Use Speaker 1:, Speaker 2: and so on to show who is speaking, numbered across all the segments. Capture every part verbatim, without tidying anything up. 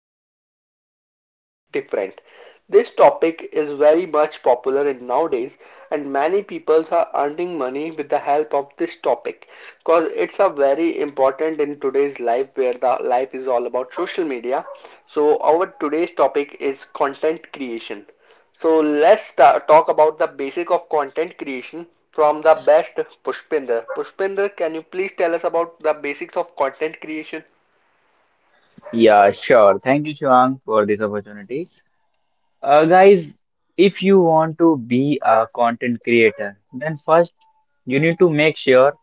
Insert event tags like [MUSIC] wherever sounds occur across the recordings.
Speaker 1: this time the topic is different. This topic is very much popular in nowadays, and many people are earning money with the help of this topic, because it's a very important in today's life where the life is all about social media. So, our today's topic is content creation. So let's start, talk about the basic of content creation from the best Pushpinder. Pushpinder, can you please tell us about the basics of content creation,
Speaker 2: Yeah, sure. Thank you, Shivang, for this opportunity. Uh, guys, if you want to be a content creator, then first you need to make sure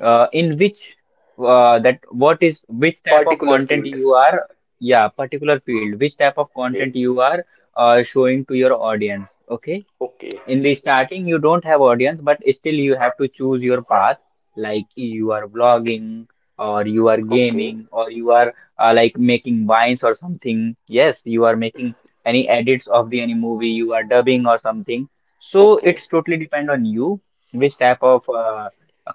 Speaker 2: uh, in which, uh, that what is which type of
Speaker 1: particular
Speaker 2: content
Speaker 1: field?
Speaker 2: you are, yeah, particular field, which type of content
Speaker 1: Okay,
Speaker 2: you are uh, showing to your audience. Okay,
Speaker 1: okay,
Speaker 2: in the starting you don't have audience but still you have to choose your path, like you are vlogging or you are
Speaker 1: okay,
Speaker 2: gaming or you are uh, like making vines or something, yes you are making any edits of the any movie, you are dubbing or something, so
Speaker 1: okay,
Speaker 2: it's totally depend on you which type of uh,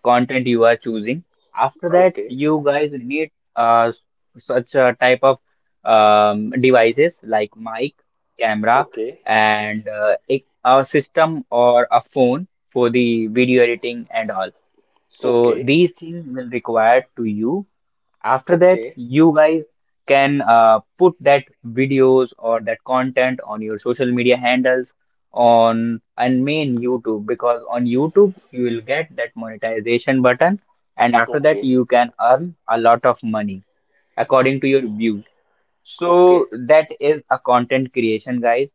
Speaker 2: content you are choosing. After that,
Speaker 1: okay,
Speaker 2: you guys need uh, such a type of um, devices like mic, camera,
Speaker 1: okay,
Speaker 2: and uh, it, a system or a phone for the video editing and all. So
Speaker 1: okay,
Speaker 2: these things will require to you. After that,
Speaker 1: okay,
Speaker 2: you guys can uh, put that videos or that content on your social media handles on and main YouTube, because on YouTube you will get that monetization button, and after that
Speaker 1: okay,
Speaker 2: you can earn a lot of money according to your views. So
Speaker 1: okay.
Speaker 2: that is a content creation, guys.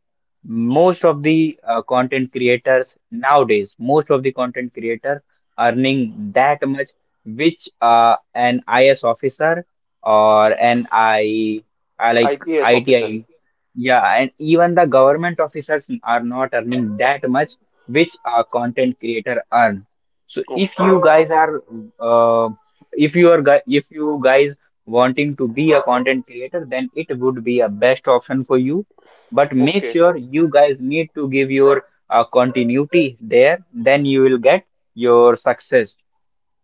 Speaker 2: Most of the uh, content creators nowadays, most of the content creators earning that much, which uh, an I S officer, or an I, I like
Speaker 1: I P S officer.
Speaker 2: I T I, yeah, and even the government officers are not earning that much, which a content creator earn. So if you
Speaker 1: Okay,
Speaker 2: guys are, uh, if you are, gu- if you guys wanting to be a content creator, then it would be a best option for you. But make
Speaker 1: okay,
Speaker 2: sure you guys need to give your uh, continuity there, then you will get your success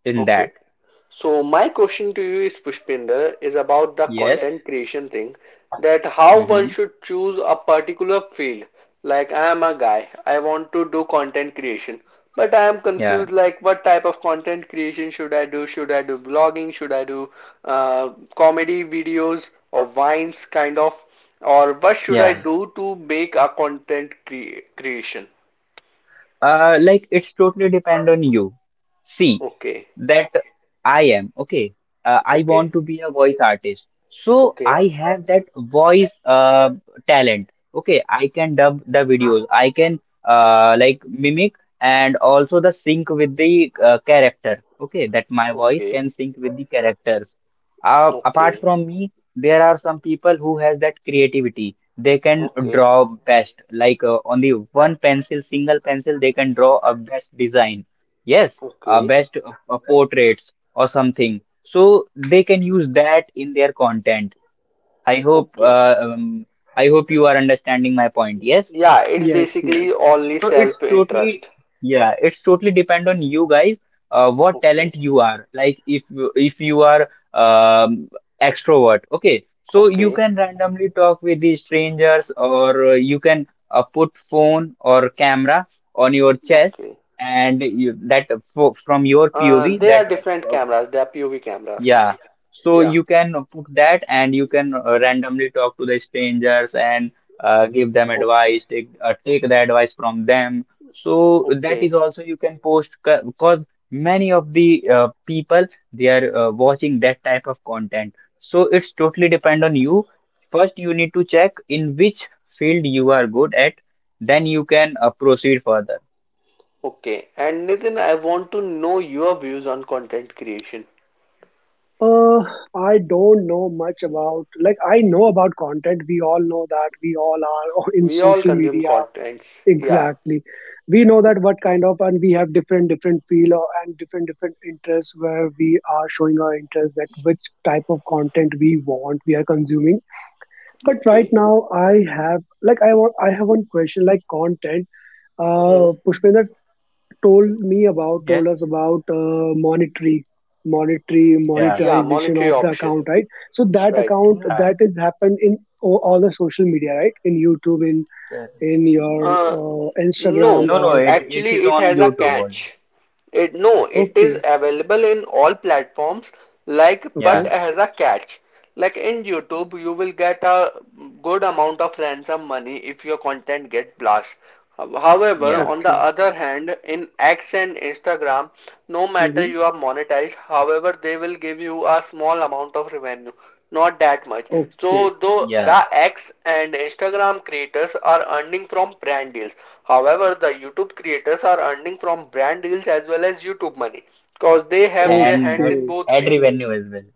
Speaker 2: in
Speaker 1: okay.
Speaker 2: that.
Speaker 1: So my question to you is Pushpinder is about the
Speaker 2: Yes.
Speaker 1: content creation thing that how one
Speaker 2: Mm-hmm.
Speaker 1: should choose a particular field. Like I am a guy, I want to do content creation, but I am
Speaker 2: Yeah.
Speaker 1: confused like what type of content creation should I do? Should I do vlogging? Should I do uh, comedy videos or vines kind of? Or what should I
Speaker 2: Yeah.
Speaker 1: do to make a content cre creation?
Speaker 2: Uh, like it's totally depend on you. See.
Speaker 1: Okay,
Speaker 2: That I am okay. Uh, I
Speaker 1: okay,
Speaker 2: want to be a voice artist, so I
Speaker 1: okay,
Speaker 2: have that voice uh, talent. Okay, I can dub the videos. I can, uh, like, mimic and also the sync with the uh, character. Okay, that my voice
Speaker 1: okay,
Speaker 2: can sync with the characters. Uh, apart
Speaker 1: okay,
Speaker 2: from me, there are some people who has that creativity. They can
Speaker 1: okay,
Speaker 2: draw best, like, uh, on the one pencil, single pencil, they can draw a best design. Yes, uh,
Speaker 1: okay.
Speaker 2: best uh, uh, portraits or something, so they can use that in their content. i hope
Speaker 1: Okay.
Speaker 2: uh, um, i hope you are understanding my point, yes.
Speaker 1: Yeah, it's
Speaker 3: Yes, yes.
Speaker 1: basically only
Speaker 2: So it's totally,
Speaker 1: self-interest.
Speaker 2: yeah, it's totally depend on you guys, uh, what
Speaker 1: Okay.
Speaker 2: talent you are. Like if you- if you are, um, extrovert, okay, so you
Speaker 1: Okay.
Speaker 2: can randomly talk with the strangers, or uh, you can uh, put phone or camera on your chest,
Speaker 1: Okay.
Speaker 2: and you, that fro- from your
Speaker 1: Uh,
Speaker 2: P O V
Speaker 1: they
Speaker 2: that
Speaker 1: are different
Speaker 2: uh,
Speaker 1: cameras. They are P O V cameras.
Speaker 2: yeah, so
Speaker 1: Yeah.
Speaker 2: you can put that, and you can uh, randomly talk to the strangers, and uh, give them
Speaker 1: Okay.
Speaker 2: advice, take uh, take the advice from them. So that
Speaker 1: Okay.
Speaker 2: is also you can post, because many of the uh, people, they are uh, watching that type of content. So it's totally depend on you. First, you need to check in which field you are good at, then you can uh, proceed further.
Speaker 1: Okay. And Nitin, I want to know your views on content creation.
Speaker 3: Uh, I don't know much about, like, I know about content. We all know that we all are [LAUGHS] in
Speaker 1: We all
Speaker 3: social
Speaker 1: consume
Speaker 3: media.
Speaker 1: contents. Yeah.
Speaker 3: Exactly. We know that what kind of, and we have different, different feel or- and different, different interests where we are showing our interest that which type of content we want, we are consuming. But right
Speaker 1: Okay.
Speaker 3: now, I have, like, I want, I have one question, like content.
Speaker 1: Hmm.
Speaker 3: Uh, Pushpender, told me about
Speaker 2: Yes,
Speaker 3: told us about uh, monetary monetary
Speaker 2: yeah,
Speaker 1: Yeah.
Speaker 3: monetization
Speaker 1: Monetary
Speaker 3: of the
Speaker 1: option.
Speaker 3: account, right? So that
Speaker 1: Right.
Speaker 3: account,
Speaker 2: yeah.
Speaker 3: that is happened in all, all the social media, right? In YouTube, in in your,
Speaker 1: Uh,
Speaker 3: uh, Instagram,
Speaker 1: no,
Speaker 2: No, no,
Speaker 3: or
Speaker 2: it, it
Speaker 1: actually,
Speaker 2: is
Speaker 1: it
Speaker 2: on
Speaker 1: has a
Speaker 2: YouTube only.
Speaker 1: catch. It no, it is
Speaker 3: okay.
Speaker 1: available in all platforms, like but
Speaker 3: Okay.
Speaker 2: Yeah.
Speaker 1: has a catch. Like in YouTube, you will get a good amount of ransom money if your content get blast. However,
Speaker 2: Yeah,
Speaker 1: on the
Speaker 3: Okay.
Speaker 1: other hand, in X and Instagram, no matter
Speaker 3: Mm-hmm.
Speaker 1: you are monetized, however, they will give you a small amount of revenue. Not that much. So
Speaker 3: Okay.
Speaker 1: though
Speaker 2: yeah,
Speaker 1: the X and Instagram creators are earning from brand deals. However, the YouTube creators are earning from brand deals as well as YouTube money because they have their
Speaker 2: and
Speaker 1: hands
Speaker 2: that
Speaker 1: in
Speaker 3: Okay.
Speaker 1: both
Speaker 2: ad
Speaker 1: way.
Speaker 2: revenue as well.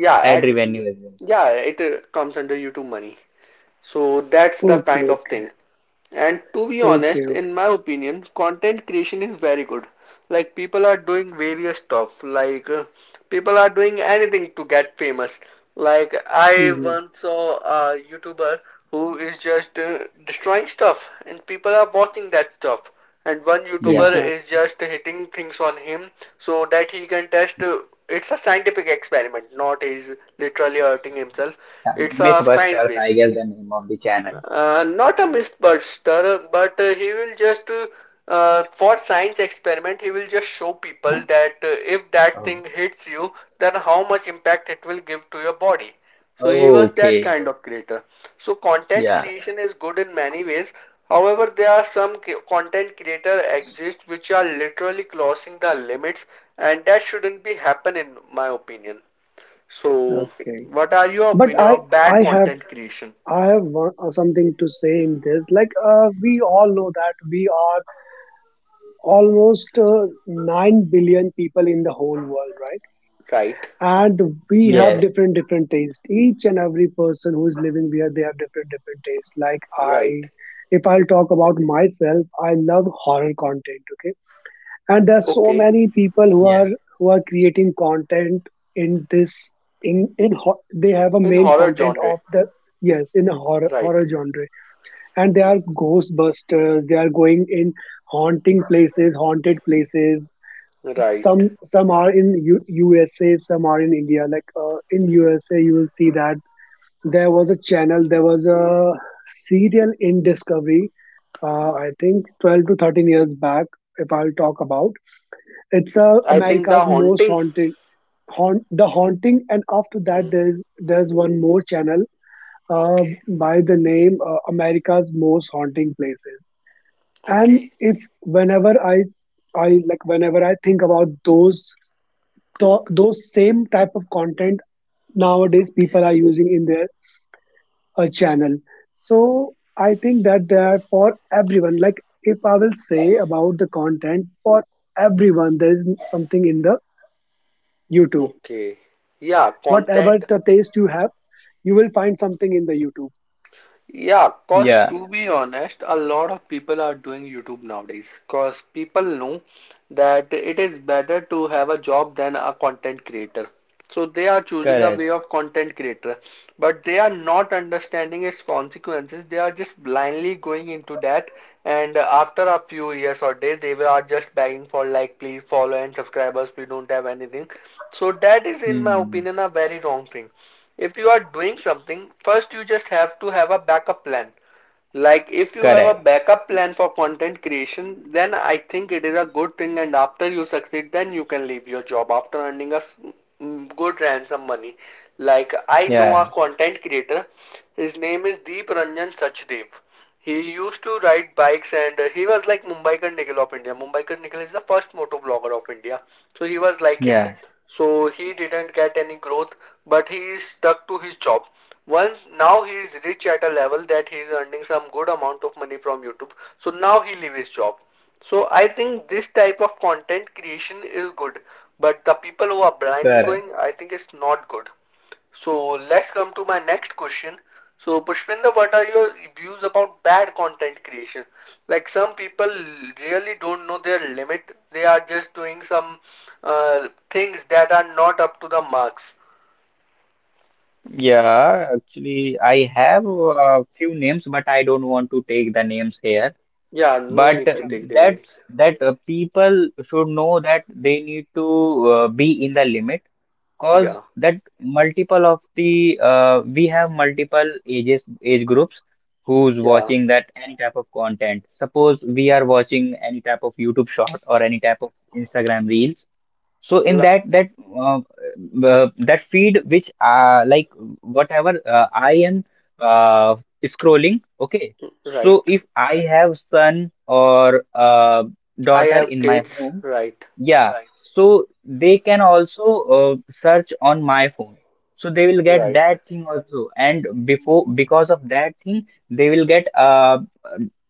Speaker 1: Yeah,
Speaker 2: Ad
Speaker 1: ad,
Speaker 2: revenue as well.
Speaker 1: yeah, it uh, comes under YouTube money. So that's the
Speaker 3: Okay.
Speaker 1: kind of
Speaker 3: Okay.
Speaker 1: thing. And to be
Speaker 3: Okay.
Speaker 1: honest,
Speaker 3: Okay.
Speaker 1: in my opinion, content creation is very good. Like people are doing various stuff. Like uh, people are doing anything to get famous. Like I
Speaker 3: Mm-hmm.
Speaker 1: once saw a YouTuber who is just uh, destroying stuff, and people are watching that stuff. And one YouTuber
Speaker 2: Yeah.
Speaker 1: is
Speaker 3: Exactly.
Speaker 1: just hitting things on him so that he can test. Uh, it's a scientific experiment, not he's literally hurting himself.
Speaker 2: Uh,
Speaker 1: It's a science
Speaker 2: MythBusters, I
Speaker 1: base.
Speaker 2: guess the name of the channel.
Speaker 1: Uh, not a MythBuster, but uh, he will just uh, uh, for science experiment he will just show people that uh, if that thing hits you, then how much impact it will give to your body. So he
Speaker 2: Oh,
Speaker 1: was that
Speaker 2: okay.
Speaker 1: kind of creator. So content
Speaker 2: Yeah.
Speaker 1: creation is good in many ways. However, there are some content creator exist which are literally crossing the limits, and that shouldn't be happen in my opinion. So,
Speaker 3: Okay.
Speaker 1: what are your
Speaker 3: But
Speaker 1: opinion
Speaker 3: i
Speaker 1: of bad
Speaker 3: i have
Speaker 1: content creation?
Speaker 3: i have one, uh, something to say in this, like, uh, we all know that we almost, uh, 9 billion people in the whole world,
Speaker 1: Right.
Speaker 3: right?
Speaker 2: Yes.
Speaker 3: And we have different, different tastes. Each and every person who is living here, they have different, different tastes, like,
Speaker 1: Right.
Speaker 3: I if I'll talk about myself, I love horror content. Okay. And there's so
Speaker 1: Okay.
Speaker 3: many
Speaker 2: Yes.
Speaker 3: people who are, who are creating content, in this in in ho- they have a
Speaker 1: In
Speaker 3: main
Speaker 1: horror
Speaker 3: content
Speaker 1: genre.
Speaker 3: of the, yes, in a horror
Speaker 1: Right.
Speaker 3: horror genre. And they are ghostbusters, they are going in haunting places haunted places.
Speaker 1: Right.
Speaker 3: Some some are in U- USA, some are in India, like, uh, in USA you will see that there was a channel there was a serial in Discovery, uh, I think twelve to thirteen years back if I'll talk about. It's, uh,
Speaker 1: I think The
Speaker 3: America's Most
Speaker 1: Haunting.
Speaker 3: Haunted. Haunt The Haunting. And after that,
Speaker 1: Hmm.
Speaker 3: there's there's one more channel, uh,
Speaker 1: Okay.
Speaker 3: by the name, uh, America's Most Haunting Places. And
Speaker 1: Okay.
Speaker 3: if whenever I I like whenever I think about those the those same type of content nowadays,
Speaker 1: Okay.
Speaker 3: people are using in their, uh, channel. So I think that they are for everyone. Like, if I will say about the content for everyone, there is something in the YouTube.
Speaker 1: Okay. Yeah,
Speaker 3: Whatever
Speaker 1: content.
Speaker 3: the taste you have, you will find something in the YouTube.
Speaker 1: Yeah,
Speaker 2: Yeah.
Speaker 1: cause to be honest, a lot of people are doing YouTube nowadays. Cause people know that it is better to have a job than a content creator. So they are choosing a
Speaker 2: Correct.
Speaker 1: way of content creator, but they are not understanding its consequences. They are just blindly going into that, and after a few years or days, they were- are just begging for like, please follow and subscribers. We don't have anything. So that is, in my
Speaker 2: Hmm.
Speaker 1: opinion, a very wrong thing if you are doing something, first you just have to have a backup plan. Like if you have a
Speaker 2: Correct.
Speaker 1: backup plan for content creation, then I think it is a good thing and after you succeed, then you can leave your job after earning a mm, good ransom money. Like I know
Speaker 2: Yeah.
Speaker 1: a content creator, his name is Deep Ranjan Sachdev. He used to ride bikes and uh, he was like Mumbai Mumbaikar Nikhil of India. Mumbaikar Nikhil is the first moto vlogger of India. So he was like him.
Speaker 2: Yeah.
Speaker 1: So he didn't get any growth, but he is stuck to his job. Once now he is rich at a level that he is earning some good amount of money from YouTube. So now he leave his job. So I think this type of content creation is good, but the people who are blindly
Speaker 2: Correct.
Speaker 1: going, I think it's not good. So let's come to my next question. So Pushpinda, what are your views about bad content creation? Like some people really don't know their limit. They are just doing some uh, things that are not up to the marks.
Speaker 2: Yeah. Actually, I have a few names, but I don't want to take the names here.
Speaker 1: Yeah, no
Speaker 2: But
Speaker 1: need to take their
Speaker 2: that
Speaker 1: names.
Speaker 2: that uh, people should know that they need to uh, be in the limit, cause
Speaker 1: Yeah.
Speaker 2: that multiple of the uh, we have multiple ages age groups who's
Speaker 1: Yeah,
Speaker 2: watching that any type of content. Suppose we are watching any type of YouTube short or any type of Instagram reels, so in
Speaker 1: li
Speaker 2: that that uh, uh, that feed which, uh, like, whatever uh, I am uh, scrolling, okay. So
Speaker 1: right.
Speaker 2: if I have son or uh,
Speaker 1: I
Speaker 2: daughter
Speaker 1: have
Speaker 2: in my
Speaker 1: kids.
Speaker 2: home,
Speaker 1: Right,
Speaker 2: yeah, right, so they can also uh, search on my phone. So they will get
Speaker 1: right,
Speaker 2: that thing also, and before, because of that thing, they will get uh,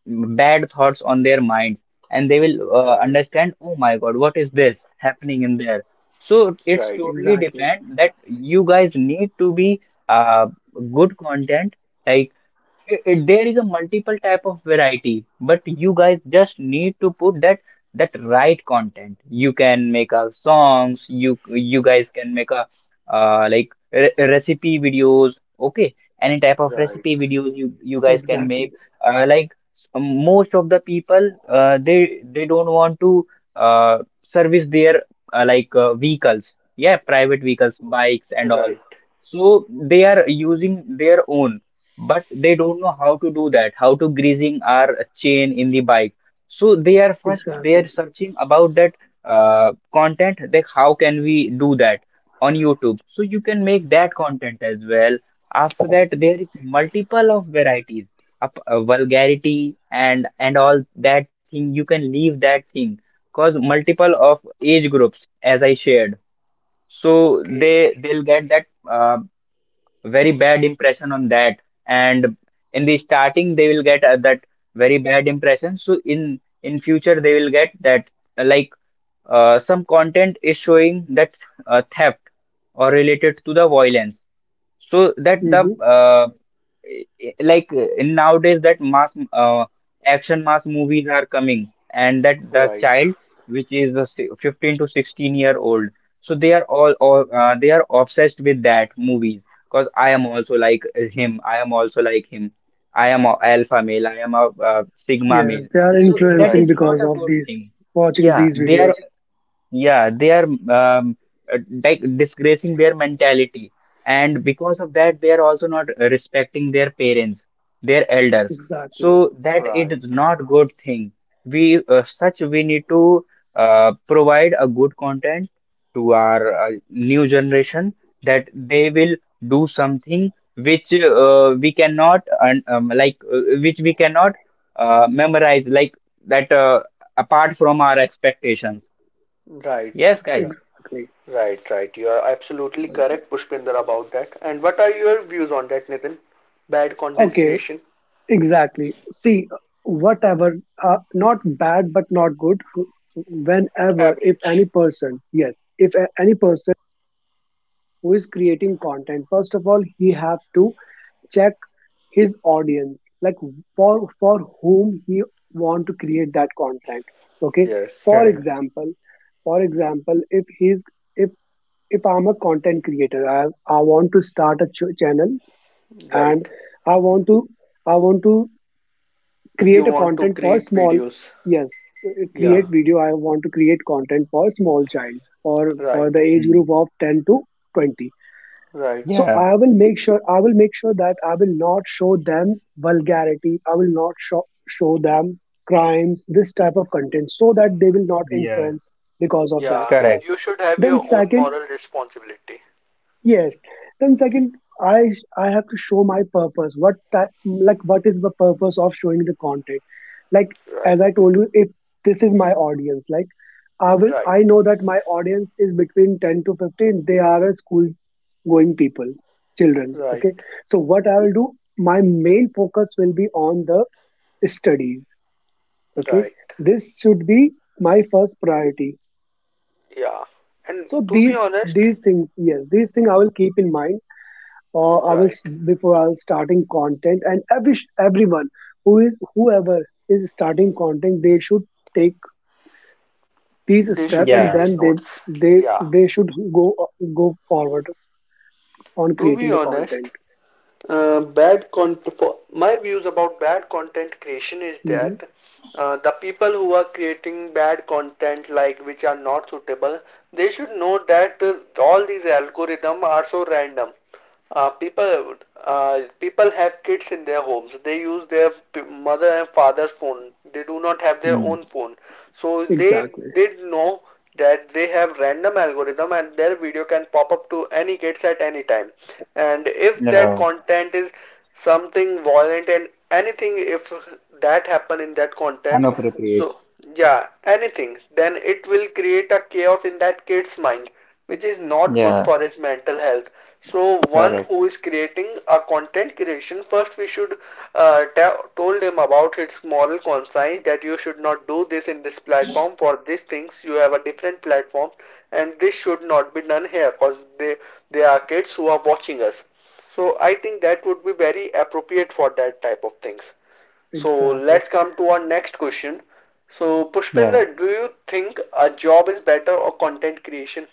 Speaker 2: bad thoughts on their mind, and they will uh,
Speaker 1: right,
Speaker 2: understand, oh my God, what is this happening in there? So it's
Speaker 1: right,
Speaker 2: totally
Speaker 3: Exactly.
Speaker 2: depend that you guys need to be, uh, good content. Like I I there is a multiple type of variety, but you guys just need to put that that right content. You can make a songs. You you guys can make a, uh, like, re recipe videos. Okay, any type of
Speaker 1: right,
Speaker 2: recipe videos you you guys can
Speaker 3: Exactly.
Speaker 2: make. Uh, like, s- most of the people, uh, they they don't want to uh, service their, uh, like, uh, vehicles. Yeah, private vehicles, bikes and all.
Speaker 1: right.
Speaker 2: So they are using their own, but they don't know how to do that, how to greasing our chain in the bike, so they are first, they are
Speaker 3: Exactly.
Speaker 2: searching about that uh, content, like how can we do that on YouTube. So you can make that content as well. After that, there is multiple of varieties, up uh, vulgarity, and and all that thing, you can leave that thing, cause multiple of age groups, as I shared. So
Speaker 1: Okay.
Speaker 2: they they'll get that uh, very bad impression on that, and in the starting they will get uh, that very bad impression, so in in future they will get that, uh, like, uh, some content is showing that uh, theft or related to the violence, so that the
Speaker 3: Hmm.
Speaker 2: uh, eh, eh, like, uh, in nowadays that mass uh, action mass movies are coming, and that the
Speaker 1: Right,
Speaker 2: child which is the si- fifteen to sixteen year old, so they are all, all uh, they are obsessed with that movies, because I am also like, eh, him, I am also like him. I am a alpha male. I am a uh, sigma
Speaker 3: Yes,
Speaker 2: male.
Speaker 3: they are
Speaker 2: So
Speaker 1: right,
Speaker 2: that
Speaker 3: influencing
Speaker 1: right,
Speaker 2: is
Speaker 3: because
Speaker 2: not
Speaker 1: right,
Speaker 2: a
Speaker 3: of
Speaker 2: good
Speaker 3: these,
Speaker 2: thing.
Speaker 3: watching
Speaker 2: yeah
Speaker 3: these
Speaker 2: they are
Speaker 3: videos.
Speaker 2: yeah, they are, um, uh, like, disgracing their mentality, and because of that, they are also not respecting their parents, their elders.
Speaker 3: Exactly.
Speaker 2: So that it is not good thing. We uh, such we need to uh, provide a good content to our uh, new generation, that they will do something which uh, we cannot, un- um, like, uh, which we cannot uh, memorize, like that, uh, apart from our expectations.
Speaker 1: right,
Speaker 2: Yes, guys.
Speaker 3: Exactly.
Speaker 1: right, right. You are absolutely correct, Pushpinder, about that. And what are your views on that, Nitin? Bad content
Speaker 3: Okay.
Speaker 1: creation?
Speaker 3: Exactly. See, whatever, uh, not bad but not good, whenever, if any
Speaker 1: Average.
Speaker 3: person, yes, if a- any person who is creating content, first of all, he have to check his audience, like, for for whom he want to create that content. Okay.
Speaker 1: Yes,
Speaker 3: For
Speaker 2: Correct.
Speaker 3: example, for example, if he's if if I'm a content creator, I I want to start a ch- channel, and
Speaker 1: right.
Speaker 3: I want to I want to
Speaker 1: You
Speaker 3: create a
Speaker 1: want to
Speaker 3: content for
Speaker 1: create
Speaker 3: small,
Speaker 1: videos.
Speaker 3: yes, uh,
Speaker 1: Yeah,
Speaker 2: Yeah.
Speaker 3: create video I want to create content for small child, or for
Speaker 1: right,
Speaker 3: the age
Speaker 2: Mm.
Speaker 3: group of ten to twenty.
Speaker 1: right,
Speaker 3: So
Speaker 2: Yeah.
Speaker 3: i will make sure I will make sure that I will not show them vulgarity, I will not show, show them crimes, this type of content, so that they will not
Speaker 2: Yeah.
Speaker 3: influence because of that.
Speaker 1: yeah,
Speaker 2: Correct.
Speaker 1: you should have
Speaker 3: Then
Speaker 1: your own
Speaker 3: second
Speaker 1: moral responsibility.
Speaker 3: Yes. Then second, I I have to show my purpose. What type, like, what is the purpose of showing the content? Like,
Speaker 1: Right,
Speaker 3: as I told you, if this is my audience, like, I will
Speaker 1: right,
Speaker 3: I know that my audience is between ten to fifteen. They are a school going people, children. Okay.
Speaker 1: right.
Speaker 3: So what I will do, my main focus will be on the studies. Okay.
Speaker 1: Right.
Speaker 3: This should be my first priority.
Speaker 1: Yeah. And
Speaker 3: So
Speaker 1: to be
Speaker 3: these,
Speaker 1: honest,
Speaker 3: these things, yes, these things I will keep in mind, or I will s-
Speaker 1: right.
Speaker 3: before I was starting content, and every everyone who is, whoever is starting content, they should take these
Speaker 1: They
Speaker 3: steps,
Speaker 1: should
Speaker 3: and
Speaker 1: take
Speaker 2: Yeah.
Speaker 1: these
Speaker 3: then they
Speaker 1: notes.
Speaker 3: they
Speaker 1: Yeah,
Speaker 3: they should go go forward on
Speaker 1: to be
Speaker 3: creating the
Speaker 1: honest,
Speaker 3: content.
Speaker 1: Uh, bad content for my views about bad content creation is
Speaker 3: Hmm.
Speaker 1: that uh, the people who are creating bad content like which are not suitable they should know that uh, all these algorithms are so random. Uh, people uh, people have kids in their homes. They use their mother and father's phone. They do not have their
Speaker 2: Hmm.
Speaker 1: own phone, so they
Speaker 3: Exactly.
Speaker 1: did know that they have random algorithm and their video can pop up to any kids at any time. And if that
Speaker 2: Yeah.
Speaker 1: content is something violent and anything, if that happen in that content,
Speaker 2: Unappropriate.
Speaker 1: so yeah anything, then it will create a chaos in that kid's mind, which is not good
Speaker 2: Yeah.
Speaker 1: for his mental health. So one
Speaker 2: Correct.
Speaker 1: who is creating a content creation, first we should uh, told him about its moral conscience that you should not do this in this platform for these things. You have a different platform, and this should not be done here because they they are kids who are watching us. So I think that would be very appropriate for that type of things. So
Speaker 3: Exactly.
Speaker 1: let's come to our next question. So
Speaker 2: Yeah.
Speaker 1: Pushpinder, do you think a job is better or content creation?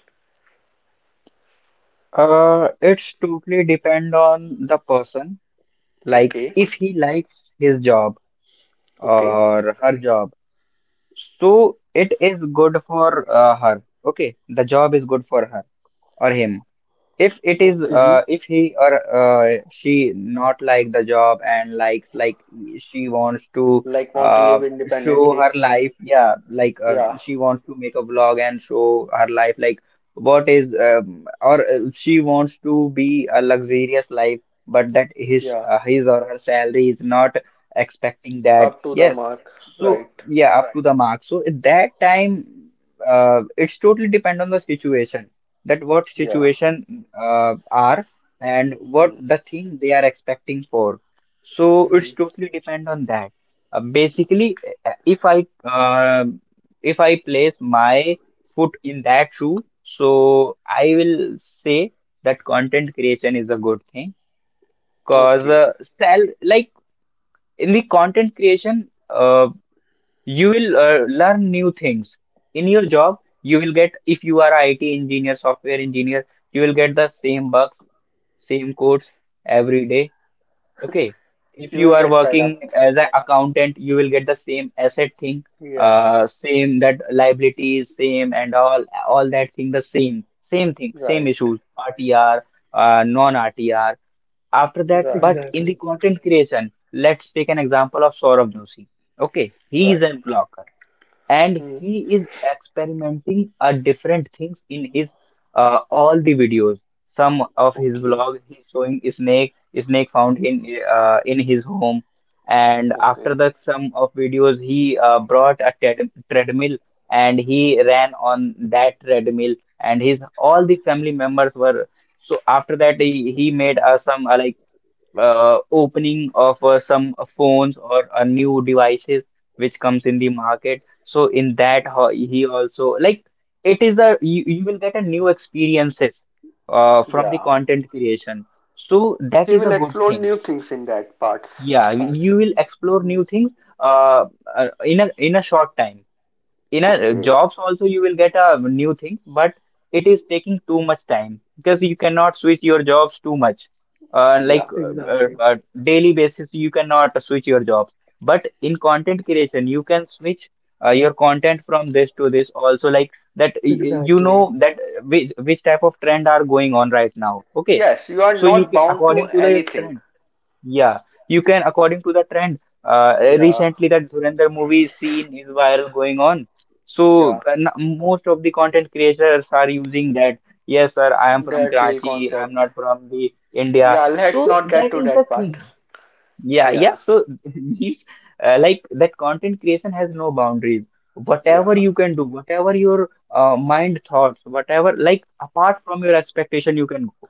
Speaker 2: Uh, it's totally depend on the person. Like
Speaker 1: Okay,
Speaker 2: if he likes his job
Speaker 1: okay,
Speaker 2: or her job, so it is good for uh, her. Okay, the job is good for her or him. If it is
Speaker 1: okay.
Speaker 3: Hmm.
Speaker 2: uh, If he or uh, she not like the job, and likes, like, she wants to
Speaker 1: Like want to
Speaker 2: uh,
Speaker 1: live
Speaker 2: show
Speaker 1: independently.
Speaker 2: her life, yeah, like uh,
Speaker 1: Yeah,
Speaker 2: she wants to make a vlog and show her life, like what is um, or uh, she wants to be a luxurious life, but that his
Speaker 1: yeah.
Speaker 2: uh, his or her salary is not expecting that,
Speaker 1: Up to the
Speaker 2: yes,
Speaker 1: mark.
Speaker 2: so
Speaker 1: Right.
Speaker 2: yeah, up to the mark, so at that time uh, it's totally depend on the situation, that what
Speaker 1: Yeah.
Speaker 2: situation uh, are, and what
Speaker 1: Hmm.
Speaker 2: the thing they are expecting for. So
Speaker 1: Hmm.
Speaker 2: it's totally depend on that. Uh, basically, uh, if I uh, if I place my foot in that shoe, so I will say that content creation is a good thing, because,
Speaker 1: Okay.
Speaker 2: uh, sell, like, in the content creation. Uh, you will uh, learn new things. In your job you will get, if you are I T engineer, software engineer, you will get the same bugs, same codes every day. Okay, if
Speaker 1: You
Speaker 2: you
Speaker 1: will
Speaker 2: are
Speaker 1: get fed
Speaker 2: working
Speaker 1: up.
Speaker 2: as an accountant, you will get the same asset thing,
Speaker 1: Yeah.
Speaker 2: uh same, that liabilities, same, and all all that thing, the same same thing, same
Speaker 1: Right.
Speaker 2: issues, R T R, uh, non R T R. After that,
Speaker 1: Right.
Speaker 2: but in the
Speaker 3: Exactly.
Speaker 2: content creation, let's take an example of Saurabh Joshi. Okay, he is
Speaker 1: Right.
Speaker 2: a blogger, and
Speaker 1: Hmm.
Speaker 2: he is experimenting uh, different things in his, uh, all the videos. Some of his
Speaker 1: Okay.
Speaker 2: vlog, he's showing snake, snake found in uh, in his home. And after
Speaker 1: Okay.
Speaker 2: that, some of videos, he uh, brought a tread treadmill, and he ran on that treadmill, and his all the family members were. So after that, he, he made uh, some, uh, like, uh, opening of uh, some phones or uh, new devices which comes in the market. So in that, ho- he also, like, it is the you, you will get a new experiences uh, from the
Speaker 1: Yeah.
Speaker 2: content creation. So that
Speaker 1: He
Speaker 2: is a
Speaker 1: will
Speaker 2: good
Speaker 1: explore
Speaker 2: thing.
Speaker 1: new things in that parts.
Speaker 2: Yeah, you will explore
Speaker 1: Hmm.
Speaker 2: new things uh, uh, in a in a short time in a uh,
Speaker 1: Okay.
Speaker 2: jobs also you will get a new things, but it is taking too much time because you cannot switch your jobs too much uh, like
Speaker 1: Yeah.
Speaker 2: uh, uh,
Speaker 3: Exactly.
Speaker 2: uh, daily basis. You cannot switch your jobs, but in content creation you can switch uh, your content from this to this also, like that y- y- you
Speaker 3: Exactly.
Speaker 2: know that uh, which, which type of trend are going on right now, okay.
Speaker 1: Yes, you are
Speaker 2: So you
Speaker 1: not
Speaker 2: can,
Speaker 1: bound to
Speaker 2: according to the
Speaker 1: anything.
Speaker 2: trend, yeah, you can, according to the trend, uh,
Speaker 1: Yeah.
Speaker 2: recently that Dhurandhar movie scene is viral going on. So
Speaker 1: Yeah.
Speaker 2: uh, n- most of the content creators are using that. Yes, sir, I am from
Speaker 1: That real
Speaker 2: Karachi. I am
Speaker 1: concept.
Speaker 2: not from the India.
Speaker 1: Yeah, let's
Speaker 2: So
Speaker 1: not get
Speaker 2: that
Speaker 1: to
Speaker 2: is the
Speaker 1: that part.
Speaker 2: thing. Yeah, yeah.
Speaker 1: Yeah.
Speaker 2: So [LAUGHS] these uh, like that, content creation has no boundaries. Whatever
Speaker 1: Yeah,
Speaker 2: you can do, whatever your uh, mind thoughts, whatever, like apart from your expectation, you can go.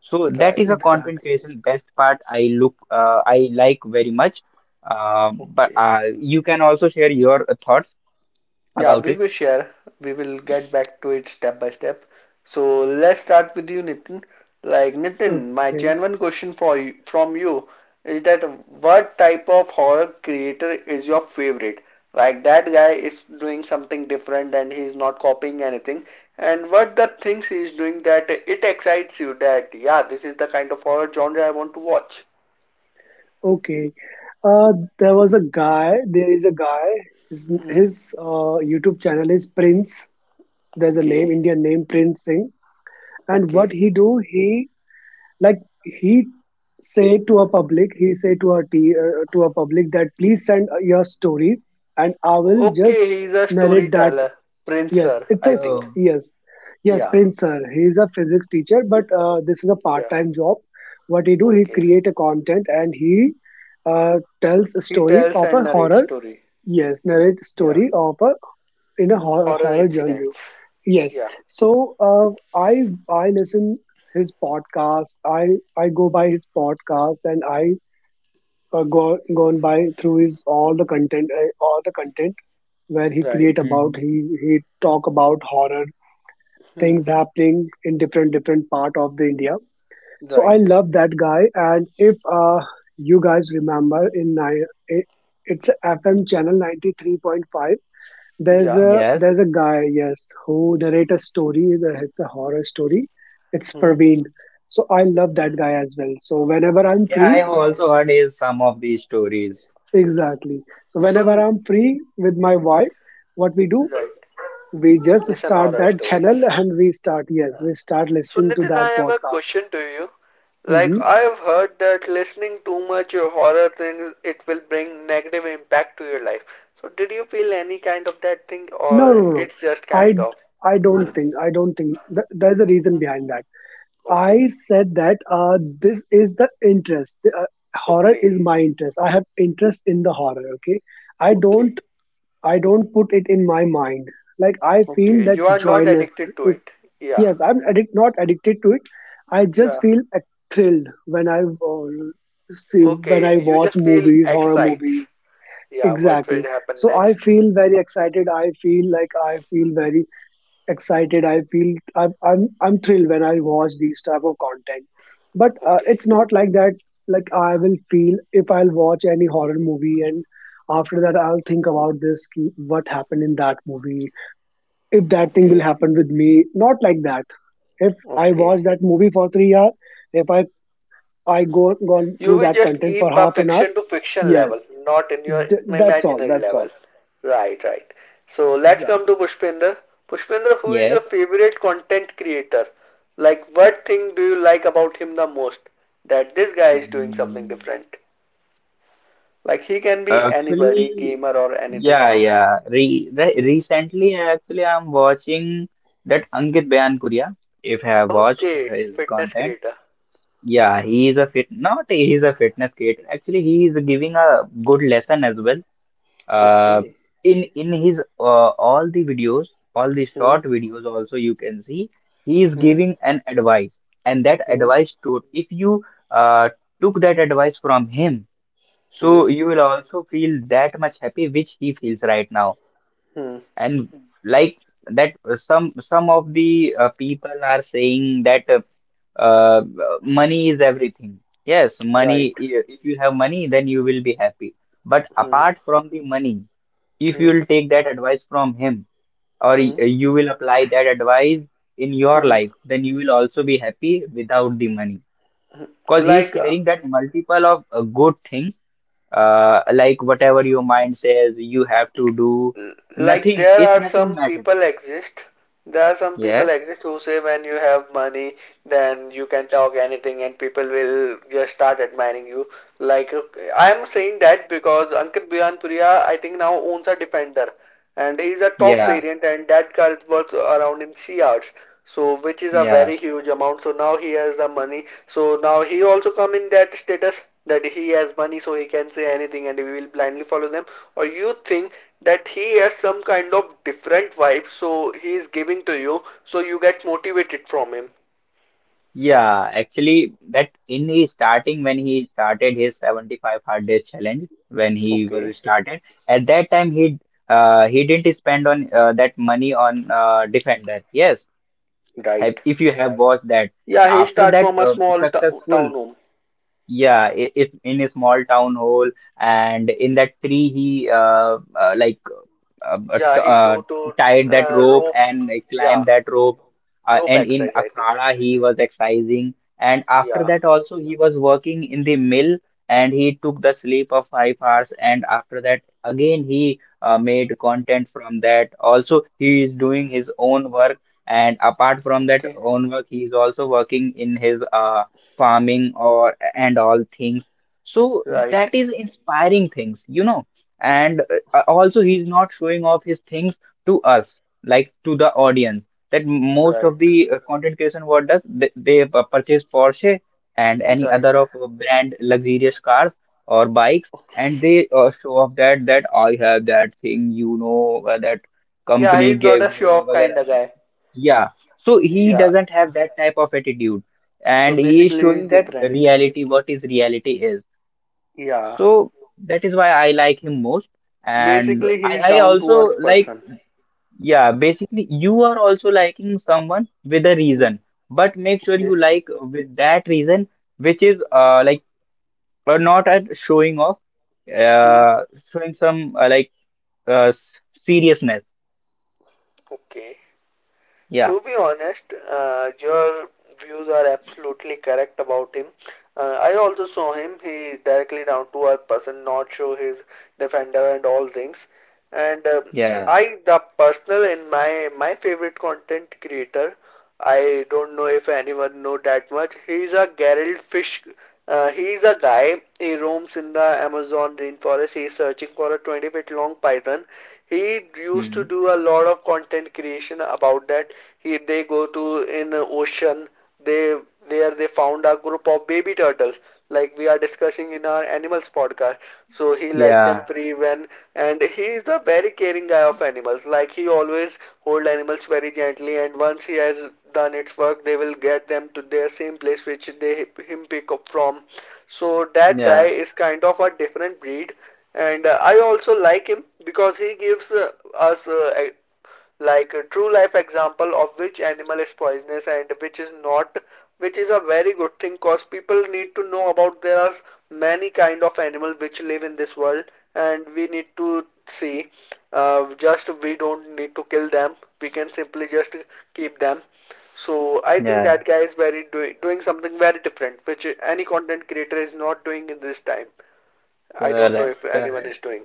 Speaker 2: So that is
Speaker 1: right.
Speaker 2: a content
Speaker 3: Exactly.
Speaker 2: creation best part I look uh, I like very much. Uh, but
Speaker 1: Okay.
Speaker 2: uh, you can also share your thoughts
Speaker 1: Yeah,
Speaker 2: about
Speaker 1: we
Speaker 2: it.
Speaker 1: will share. We will get back to it step by step. So let's start with you, Nitin. Like Nitin, my
Speaker 3: Okay.
Speaker 1: genuine question for you, from you is that what type of horror creator is your favorite? Like that guy is doing something different and he's not copying anything. And what the things he's doing that it excites you that yeah, this is the kind of horror genre I want to watch.
Speaker 3: Okay. Uh there was a guy there is a guy. His,
Speaker 1: Hmm.
Speaker 3: his uh, YouTube channel is Prince. There's a name,
Speaker 1: Okay,
Speaker 3: Indian name, Prince Singh. And what
Speaker 1: okay.
Speaker 3: he do, he, like he say to a public he say to our, uh, to a public, that please send, uh, your stories, and I will
Speaker 1: Okay,
Speaker 3: just
Speaker 1: he's a
Speaker 3: narrate that.
Speaker 1: storyteller, Prince
Speaker 3: Yes,
Speaker 1: Sir,
Speaker 3: it's a
Speaker 1: I
Speaker 3: s-
Speaker 1: think.
Speaker 2: Oh,
Speaker 3: yes, yes,
Speaker 1: Yeah,
Speaker 3: Prince Sir. He is a physics teacher, but, uh, this is a part
Speaker 1: yeah.
Speaker 3: time job. What he do, he
Speaker 1: Okay,
Speaker 3: create a content, and he, uh, tells a
Speaker 1: he
Speaker 3: story
Speaker 1: tells
Speaker 3: of
Speaker 1: and
Speaker 3: a
Speaker 1: narrates
Speaker 3: horror.
Speaker 1: story.
Speaker 3: Yes, narrate
Speaker 1: Yeah,
Speaker 3: story of a, in a horror,
Speaker 1: horror
Speaker 3: horror genre.
Speaker 1: incidents.
Speaker 3: Yes.
Speaker 1: Yeah,
Speaker 3: So uh, I I listen his podcast. I I go by his podcast, and I, uh, go gone by through his all the content, uh, all the content where he create
Speaker 1: right.
Speaker 3: about,
Speaker 2: mhm.
Speaker 3: he he talk about horror
Speaker 1: Hmm.
Speaker 3: things happening in different, different part of the India. So I
Speaker 1: Right.
Speaker 3: love that guy. And if, uh, you guys remember, in ni- it- it's F M channel ninety three point five, there's
Speaker 1: Yeah.
Speaker 3: a,
Speaker 2: Yes.
Speaker 3: there's a guy, yes, who narrate a story, that it's a horror story. It's
Speaker 1: Hmm.
Speaker 3: Praveen. So I love that
Speaker 1: Hmm.
Speaker 3: guy as well. So whenever I'm
Speaker 2: Yeah, I
Speaker 3: free,
Speaker 2: have also heard is some of these stories.
Speaker 3: exactly. So
Speaker 1: So,
Speaker 3: whenever
Speaker 1: n-
Speaker 3: I'm free with my wife, what we do,
Speaker 1: right.
Speaker 3: we just
Speaker 1: Listen
Speaker 3: start
Speaker 1: horror
Speaker 3: that channel
Speaker 1: stories.
Speaker 3: and we start. Yes,
Speaker 1: Yeah.
Speaker 3: we start
Speaker 1: So,
Speaker 3: listening to
Speaker 1: Nitin,
Speaker 3: that
Speaker 1: I have a
Speaker 3: podcast.
Speaker 1: question to you. Like,
Speaker 3: Hmm.
Speaker 1: I've heard that listening too much horror things, it will bring negative impact to your life. So, did you feel any kind of that thing,
Speaker 3: No,
Speaker 1: or
Speaker 3: no, no. No.
Speaker 1: it's just kind
Speaker 3: I
Speaker 1: of?
Speaker 3: I don't think, I don't think th- there's a reason behind that.
Speaker 1: Okay,
Speaker 3: I said that, uh, this is the interest. The, Uh, horror
Speaker 1: okay,
Speaker 3: is my interest. I have interest in the horror. Okay, I
Speaker 1: okay,
Speaker 3: don't. I don't put it in my mind. Like, I feel
Speaker 1: okay.
Speaker 3: that
Speaker 1: You are not
Speaker 3: joyness.
Speaker 1: addicted to
Speaker 3: If,
Speaker 1: it. Yeah,
Speaker 3: yes, I'm addict, not addicted to it. I just
Speaker 1: yeah.
Speaker 3: feel, uh, thrilled when I uh, see when I
Speaker 1: Okay, you
Speaker 3: watch
Speaker 1: just feel
Speaker 3: movies, horror
Speaker 1: excites.
Speaker 3: movies.
Speaker 1: Yeah, what will
Speaker 3: Exactly.
Speaker 1: happen
Speaker 3: So I
Speaker 1: next?
Speaker 3: feel very excited. I feel like I feel very excited I feel I'm I'm, I'm thrilled when I watch these type of content. But, uh,
Speaker 1: Okay,
Speaker 3: it's not like that. Like, I will feel if I'll watch any horror movie, and after that, I'll think about this, ki- what happened in that movie, if that thing will
Speaker 1: okay,
Speaker 3: happen with me. Not like that. If I
Speaker 1: okay.
Speaker 3: watch that movie for three hours, if I I go gone
Speaker 1: You
Speaker 3: through
Speaker 1: will
Speaker 3: that
Speaker 1: just
Speaker 3: content for
Speaker 1: keep a
Speaker 3: half an hour.
Speaker 1: fiction to fiction level,
Speaker 3: Yes.
Speaker 1: not in your
Speaker 3: Th- that's all.
Speaker 1: imaginary
Speaker 3: That's
Speaker 1: level.
Speaker 3: all,
Speaker 1: Right, right. So let's come
Speaker 3: exactly.
Speaker 1: to Pushpinder. Pushpinder, who is your
Speaker 2: Yes.
Speaker 1: favorite content creator? Like, what thing do you like about him the most? That this guy is doing something
Speaker 2: Mm.
Speaker 1: different. Like, he can be anybody,
Speaker 2: Actually,
Speaker 1: gamer or anything.
Speaker 2: yeah, yeah. Re re
Speaker 1: Hmm.
Speaker 2: recently, actually, I'm watching that Ankit Bayan Kuria. If I have watched
Speaker 1: Okay,
Speaker 2: his
Speaker 1: fitness
Speaker 2: content.
Speaker 1: creator.
Speaker 2: Yeah, he is a fit, not he is a fitness creator. Actually, he is giving a good lesson as well. Uh,
Speaker 1: Okay.
Speaker 2: in in his uh, all the videos, all the
Speaker 1: Hmm.
Speaker 2: short videos also, you can see he is
Speaker 1: Hmm.
Speaker 2: giving an advice, and that
Speaker 1: Hmm.
Speaker 2: advice to, if you uh, took that advice from him,
Speaker 1: Hmm.
Speaker 2: so you will also feel that much happy which he feels right now.
Speaker 1: Hmm.
Speaker 2: And like that, uh, some some of the uh, people are saying that uh, uh, money is everything. Yes,
Speaker 1: Right.
Speaker 2: money. i- If you have money, then you will be happy. But
Speaker 1: Hmm.
Speaker 2: apart from the money, if you
Speaker 1: Hmm.
Speaker 2: will take that advice from him, or y-
Speaker 1: Hmm.
Speaker 2: you will apply that advice in your
Speaker 1: Hmm.
Speaker 2: life, then you will also be happy without the money. Because he's
Speaker 1: Like, uh,
Speaker 2: sharing that multiple of uh, good things, uh, like whatever your mind says, you have to do.
Speaker 1: like
Speaker 2: Nothing,
Speaker 1: there
Speaker 2: it
Speaker 1: are
Speaker 2: nothing
Speaker 1: some
Speaker 2: matters.
Speaker 1: people exist there are some people
Speaker 2: Yes,
Speaker 1: exist who say when you have money then you can talk anything and people will just start admiring you. like uh, I am saying that because Ankit Bhuyanpuria, I think, now owns a Defender, and is a top
Speaker 2: yeah,
Speaker 1: variant, and that car is worth around in C Rs, so which is a
Speaker 2: yeah.
Speaker 1: very huge amount. So now he has the money, so now he also come in that status that he has money, so he can say anything and we will blindly follow them. Or you think that he has some kind of different vibe so he is giving to you so you get motivated from him?
Speaker 2: Yeah, actually, that in his starting when he started his seventy-five hard days challenge, when he
Speaker 1: Okay,
Speaker 2: was started at that time, he uh, he didn't spend on uh, that money on uh, defender. Yes, have,
Speaker 1: right,
Speaker 2: if you have watched that,
Speaker 1: yeah, he
Speaker 2: after
Speaker 1: start
Speaker 2: that
Speaker 1: from a
Speaker 2: uh,
Speaker 1: small town
Speaker 2: successful.
Speaker 1: home.
Speaker 2: Yeah, i- if in a small town hall, and in that tree, he uh, uh, like uh, uh,
Speaker 1: Yeah,
Speaker 2: t-
Speaker 1: he
Speaker 2: uh,
Speaker 1: do to
Speaker 2: tied that
Speaker 1: uh,
Speaker 2: rope
Speaker 1: rope,
Speaker 2: and uh,
Speaker 1: yeah,
Speaker 2: climbed that rope. Uh,
Speaker 1: rope
Speaker 2: and in
Speaker 1: exercise I think,
Speaker 2: Akhada, he was exercising, and after
Speaker 1: yeah.
Speaker 2: that, also he was working in the mill, and he took the sleep of five hours. And after that, again he uh, made content from that. Also, he is doing his own work, and apart from that
Speaker 1: Okay,
Speaker 2: own work, he is also working in his uh, farming or and all things. So that
Speaker 1: right,
Speaker 2: is inspiring things, you know. And uh, also, he's not showing off his things to us, like to the audience, that most
Speaker 1: right,
Speaker 2: of the uh, content creation, what does they, they uh, purchase Porsche and any other
Speaker 1: right.
Speaker 2: of uh, brand luxurious cars or bikes, and
Speaker 1: Okay.
Speaker 2: they
Speaker 1: [LAUGHS]
Speaker 2: uh, show off that, that I have that thing, you know, uh, that
Speaker 1: Yeah,
Speaker 2: company
Speaker 1: he's not
Speaker 2: gave
Speaker 1: a
Speaker 2: me
Speaker 1: show-off kind
Speaker 2: वगैरह.
Speaker 1: of guy.
Speaker 2: Yeah, so he
Speaker 1: Yeah.
Speaker 2: doesn't have that type of attitude,
Speaker 1: So
Speaker 2: and he is
Speaker 1: basically, he's
Speaker 2: showing that
Speaker 1: different.
Speaker 2: reality, what is reality is.
Speaker 1: Yeah.
Speaker 2: So that is why I like him most. And
Speaker 1: Basically,
Speaker 2: i
Speaker 1: he's
Speaker 2: i also
Speaker 1: down-to-earth
Speaker 2: like,
Speaker 1: person.
Speaker 2: yeah, basically, you are also liking someone with a
Speaker 1: Hmm.
Speaker 2: reason, but make sure you
Speaker 1: Okay.
Speaker 2: like with that reason which is uh like uh, not at showing off,
Speaker 1: Hmm.
Speaker 2: uh showing some uh, like uh s- seriousness.
Speaker 1: Okay.
Speaker 2: Yeah,
Speaker 1: To be honest, uh, your views are absolutely correct about him. Uh, I also saw him. He directly down to earth person, not show his defender and all things. And um,
Speaker 2: yeah. Yeah.
Speaker 1: I, the personal in my my favorite content creator, I don't know if anyone know that much. He's a Gerald Fish. Uh, he's a guy. He roams in the Amazon rainforest. He's searching for a twenty feet long python. He used to
Speaker 2: Hmm.
Speaker 1: do a lot of content creation about that. He they go to in ocean, they, there they found a group of baby turtles, like we are discussing in our animals podcast. So he let
Speaker 2: Yeah.
Speaker 1: them free when, and he is the very caring guy of animals. Like he always hold animals very gently, and once he has done its work, they will get them to their same place which they him pick up from. So that guy
Speaker 2: Yeah.
Speaker 1: is kind of a different breed, and uh, I also like him because he gives uh, us uh, like a true life example of which animal is poisonous and which is not, which is a very good thing cause people need to know about there are many kind of animal which live in this world and we need to see. Uh, just we don't need to kill them. We can simply just keep them. So I think that
Speaker 2: Yeah.
Speaker 1: guy is very doing doing something very different, which any content creator is not doing in this time. I don't
Speaker 2: Correct.
Speaker 1: know if
Speaker 2: Correct.
Speaker 1: anyone is doing.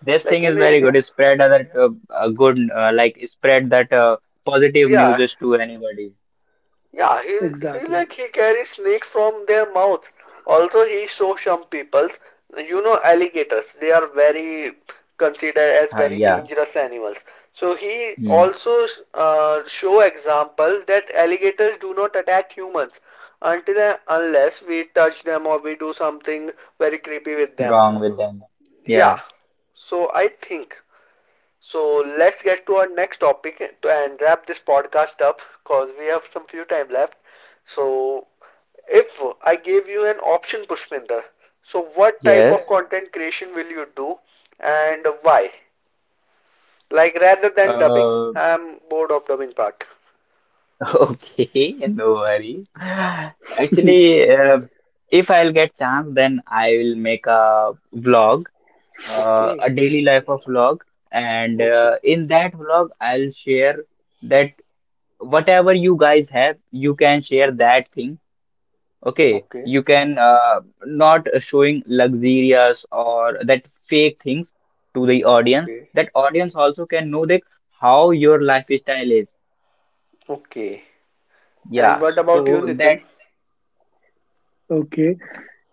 Speaker 2: This thing
Speaker 1: Like
Speaker 2: is
Speaker 1: in
Speaker 2: very
Speaker 1: India,
Speaker 2: good. Spread that uh, uh, good, uh, like spread that uh, positive news
Speaker 1: yeah.
Speaker 2: is to anybody.
Speaker 1: Yeah, he he
Speaker 3: Exactly.
Speaker 1: like he carries snakes from their mouth. Also, he shows some people, you know, alligators. They are very considered as
Speaker 2: Uh,
Speaker 1: very
Speaker 2: yeah,
Speaker 1: dangerous animals. So he
Speaker 2: mm,
Speaker 1: also uh, show example that alligators do not attack humans until and unless we touch them or we do something very creepy with them.
Speaker 2: wrong with them. Yeah,
Speaker 1: Yeah, so I think so. Let's get to our next topic to- and wrap this podcast up because we have some few time left. So, if I gave you an option, Pushpinder, so what type
Speaker 2: yes.
Speaker 1: of content creation will you do and why? Like rather than dubbing,
Speaker 2: Uh,
Speaker 1: I'm bored of dubbing part.
Speaker 2: [LAUGHS] okay, no worries.
Speaker 3: [LAUGHS]
Speaker 2: Actually, uh, if I'll get chance, then I will make a vlog, uh,
Speaker 1: Okay,
Speaker 2: a daily life of vlog, and
Speaker 1: okay,
Speaker 2: uh, in that vlog, I'll share that, whatever you guys have, you can share that thing. Okay,
Speaker 1: okay,
Speaker 2: you can uh, not showing luxurious or that fake things to the audience.
Speaker 1: okay,
Speaker 2: That audience also can know that how your lifestyle is.
Speaker 1: okay. And
Speaker 2: Yeah,
Speaker 1: what about you,
Speaker 2: so
Speaker 1: Nitin?
Speaker 2: that
Speaker 3: Okay.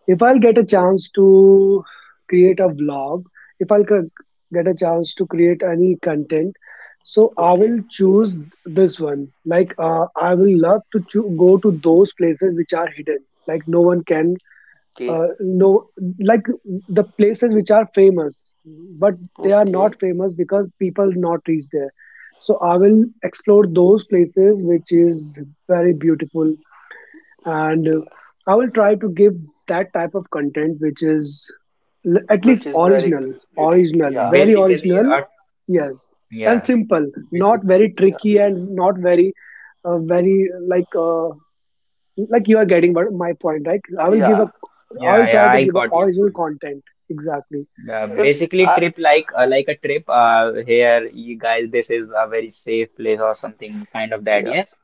Speaker 3: If I'll get a chance to create a vlog, if I'll c- get a chance to create any content, so I
Speaker 1: Okay,
Speaker 3: will choose this one. Like, uh, I will love to cho- go to those places which are hidden. Like, no one can, uh, no, like, the places which are famous, but they are not
Speaker 1: okay,
Speaker 3: famous because people not reach there. So I will explore those places which is very beautiful, and
Speaker 1: okay.
Speaker 3: uh, I will try to give that type of content which is l- at
Speaker 1: Which
Speaker 3: least
Speaker 1: is very
Speaker 3: original.
Speaker 1: unique.
Speaker 3: Original
Speaker 1: Yeah,
Speaker 3: very
Speaker 2: basically,
Speaker 3: Original.
Speaker 2: uh,
Speaker 3: Yes.
Speaker 2: yeah,
Speaker 3: And simple, not
Speaker 2: basic,
Speaker 3: very
Speaker 1: yeah,
Speaker 3: tricky and not very, uh, very like, uh, like, you are getting what my point, right? i will give a
Speaker 1: yeah.
Speaker 3: I
Speaker 2: yeah,
Speaker 3: will try
Speaker 2: yeah,
Speaker 3: to
Speaker 2: I
Speaker 3: give a
Speaker 2: got your
Speaker 3: original
Speaker 2: point.
Speaker 3: content. Exactly.
Speaker 2: Uh,
Speaker 1: If
Speaker 2: basically,
Speaker 1: I,
Speaker 2: trip, like uh, like a trip. Uh, here, you guys, this is a very safe place or something kind of that.
Speaker 1: yeah,
Speaker 2: Yes,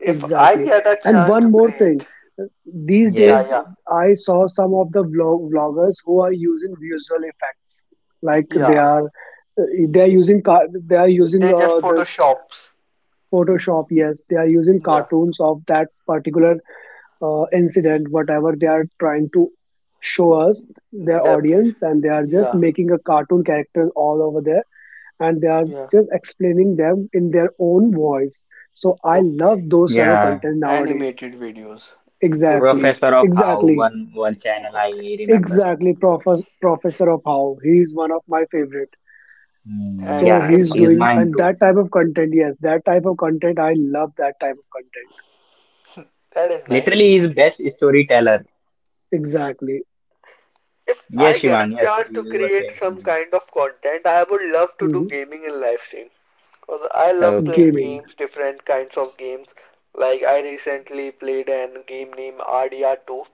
Speaker 1: if I
Speaker 3: Exactly.
Speaker 1: get a
Speaker 3: And
Speaker 1: chance to
Speaker 3: one more thing.
Speaker 1: create,
Speaker 3: These
Speaker 1: yeah,
Speaker 3: days,
Speaker 2: yes,
Speaker 1: yeah,
Speaker 3: I saw some of the vlog- vloggers who are using visual effects, like they
Speaker 1: yeah,
Speaker 3: are, uh, they are using car- they are using,
Speaker 1: they
Speaker 3: uh,
Speaker 1: just
Speaker 3: this,
Speaker 1: photoshops.
Speaker 3: Photoshop. Yes, they are using
Speaker 1: Yeah,
Speaker 3: cartoons of that particular, uh, incident, whatever they are trying to show us, their
Speaker 1: depre-
Speaker 3: audience, and they are just
Speaker 1: yeah,
Speaker 3: making a cartoon character all over there, and they are
Speaker 1: yeah.
Speaker 3: just explaining them in their own voice. So I
Speaker 1: Okay,
Speaker 3: love those type of
Speaker 2: yeah.
Speaker 3: content nowadays.
Speaker 1: animated videos. Okay,
Speaker 3: Exactly,
Speaker 2: Professor of how,
Speaker 3: exactly.
Speaker 2: one one channel
Speaker 1: okay.
Speaker 2: I remember.
Speaker 3: Exactly, professor professor of how, he is one of my favorite.
Speaker 2: Mm,
Speaker 1: And
Speaker 3: So
Speaker 2: yeah,
Speaker 1: if
Speaker 3: he's
Speaker 2: he's
Speaker 3: doing
Speaker 2: mine
Speaker 3: and
Speaker 2: too.
Speaker 3: that type of content. Yes, that type of content. I love that type of content.
Speaker 1: that is nice.
Speaker 2: Literally, he's best storyteller.
Speaker 3: Exactly.
Speaker 1: If
Speaker 2: Yes,
Speaker 1: I get
Speaker 2: Shivang,
Speaker 1: a
Speaker 2: yes,
Speaker 1: chance to
Speaker 2: you were
Speaker 1: create
Speaker 2: saying
Speaker 1: some
Speaker 2: something.
Speaker 1: kind of content, I would love to do
Speaker 3: Hmm.
Speaker 1: gaming and live stream. Because I love playing
Speaker 2: Okay.
Speaker 3: Gaming.
Speaker 1: games, different kinds of games. Like I recently played an game named R D R two,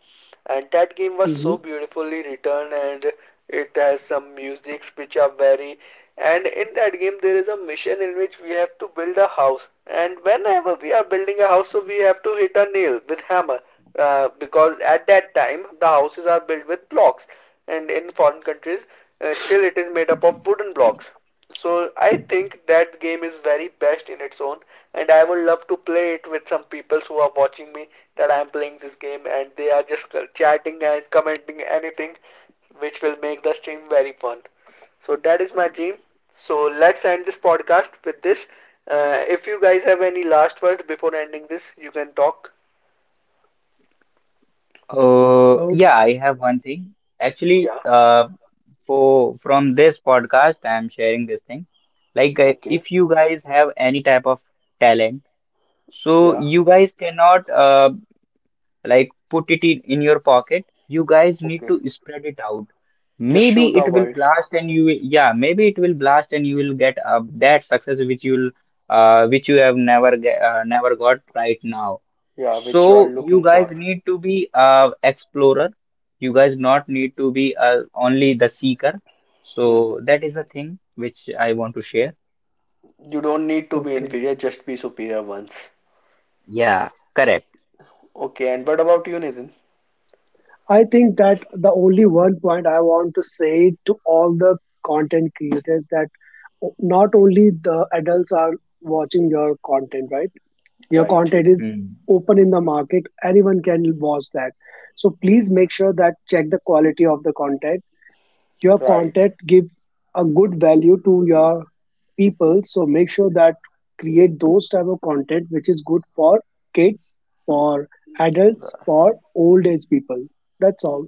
Speaker 1: and that game was
Speaker 3: Hmm.
Speaker 1: so beautifully written, and it has some musics which are very. And in that game, there is a mission in which we have to build a house. And whenever we are building a house, so we have to hit a nail with hammer, uh, because at that time the houses are built with blocks, and in foreign countries, uh, still it is made up of wooden blocks. So I think that game is very best in its own, and I would love to play it with some people who are watching me, that I'm playing this game and they are just chatting and commenting anything which will make the stream very fun. So that is my dream. So let's end this podcast with this. Uh, if you guys have any last words before ending this, you can talk.
Speaker 2: Oh,
Speaker 3: Oh,
Speaker 2: yeah, I have one thing. Actually,
Speaker 1: Yeah.
Speaker 2: uh, for from this podcast, I am sharing this thing. Like, uh,
Speaker 1: Okay.
Speaker 2: if you guys have any type of talent, so you guys cannot uh, like put it in, in your pocket. You guys need
Speaker 1: Okay.
Speaker 2: to spread it out.
Speaker 1: Just show
Speaker 2: Maybe it
Speaker 1: the
Speaker 2: will
Speaker 1: world.
Speaker 2: blast and you will, yeah, maybe it will blast and you will get uh, that success which you will uh, which you have never ge- uh, never got right now.
Speaker 1: Yeah.
Speaker 2: So you
Speaker 1: Looking
Speaker 2: guys
Speaker 1: for.
Speaker 2: need to be uh, explorer. You guys not need to be uh, only the seeker.
Speaker 1: Hmm.
Speaker 2: So that is the thing which I want to share.
Speaker 1: You don't need to be
Speaker 3: okay.
Speaker 1: inferior. Just be superior once.
Speaker 2: Yeah. Correct.
Speaker 1: Okay. And what about you, Nathan?
Speaker 3: I think that the only one point I want to say to all the content creators, that not only the adults are watching your content, right? Your
Speaker 1: Right,
Speaker 3: content is
Speaker 2: Hmm.
Speaker 3: open in the market, anyone can watch that. So please make sure that check the quality of the content. Your
Speaker 1: right,
Speaker 3: content give a good value to your people. So make sure that create those type of content which is good for kids, for adults, for old age people. That's all.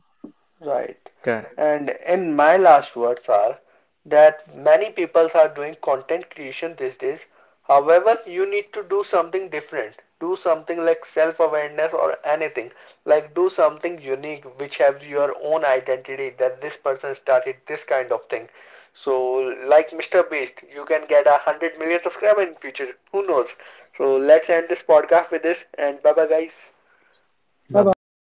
Speaker 1: right.
Speaker 2: Correct.
Speaker 1: And in my last words are that many people are doing content creation these days. However, you need to do something different. Do something like self-awareness or anything. Like do something unique which has your own identity that this person started this kind of thing. So like mister Beast, you can get a hundred million subscribers in future. Who knows? So let's end this podcast with this and bye bye guys.
Speaker 3: Bye
Speaker 2: Bye bye.
Speaker 3: bye.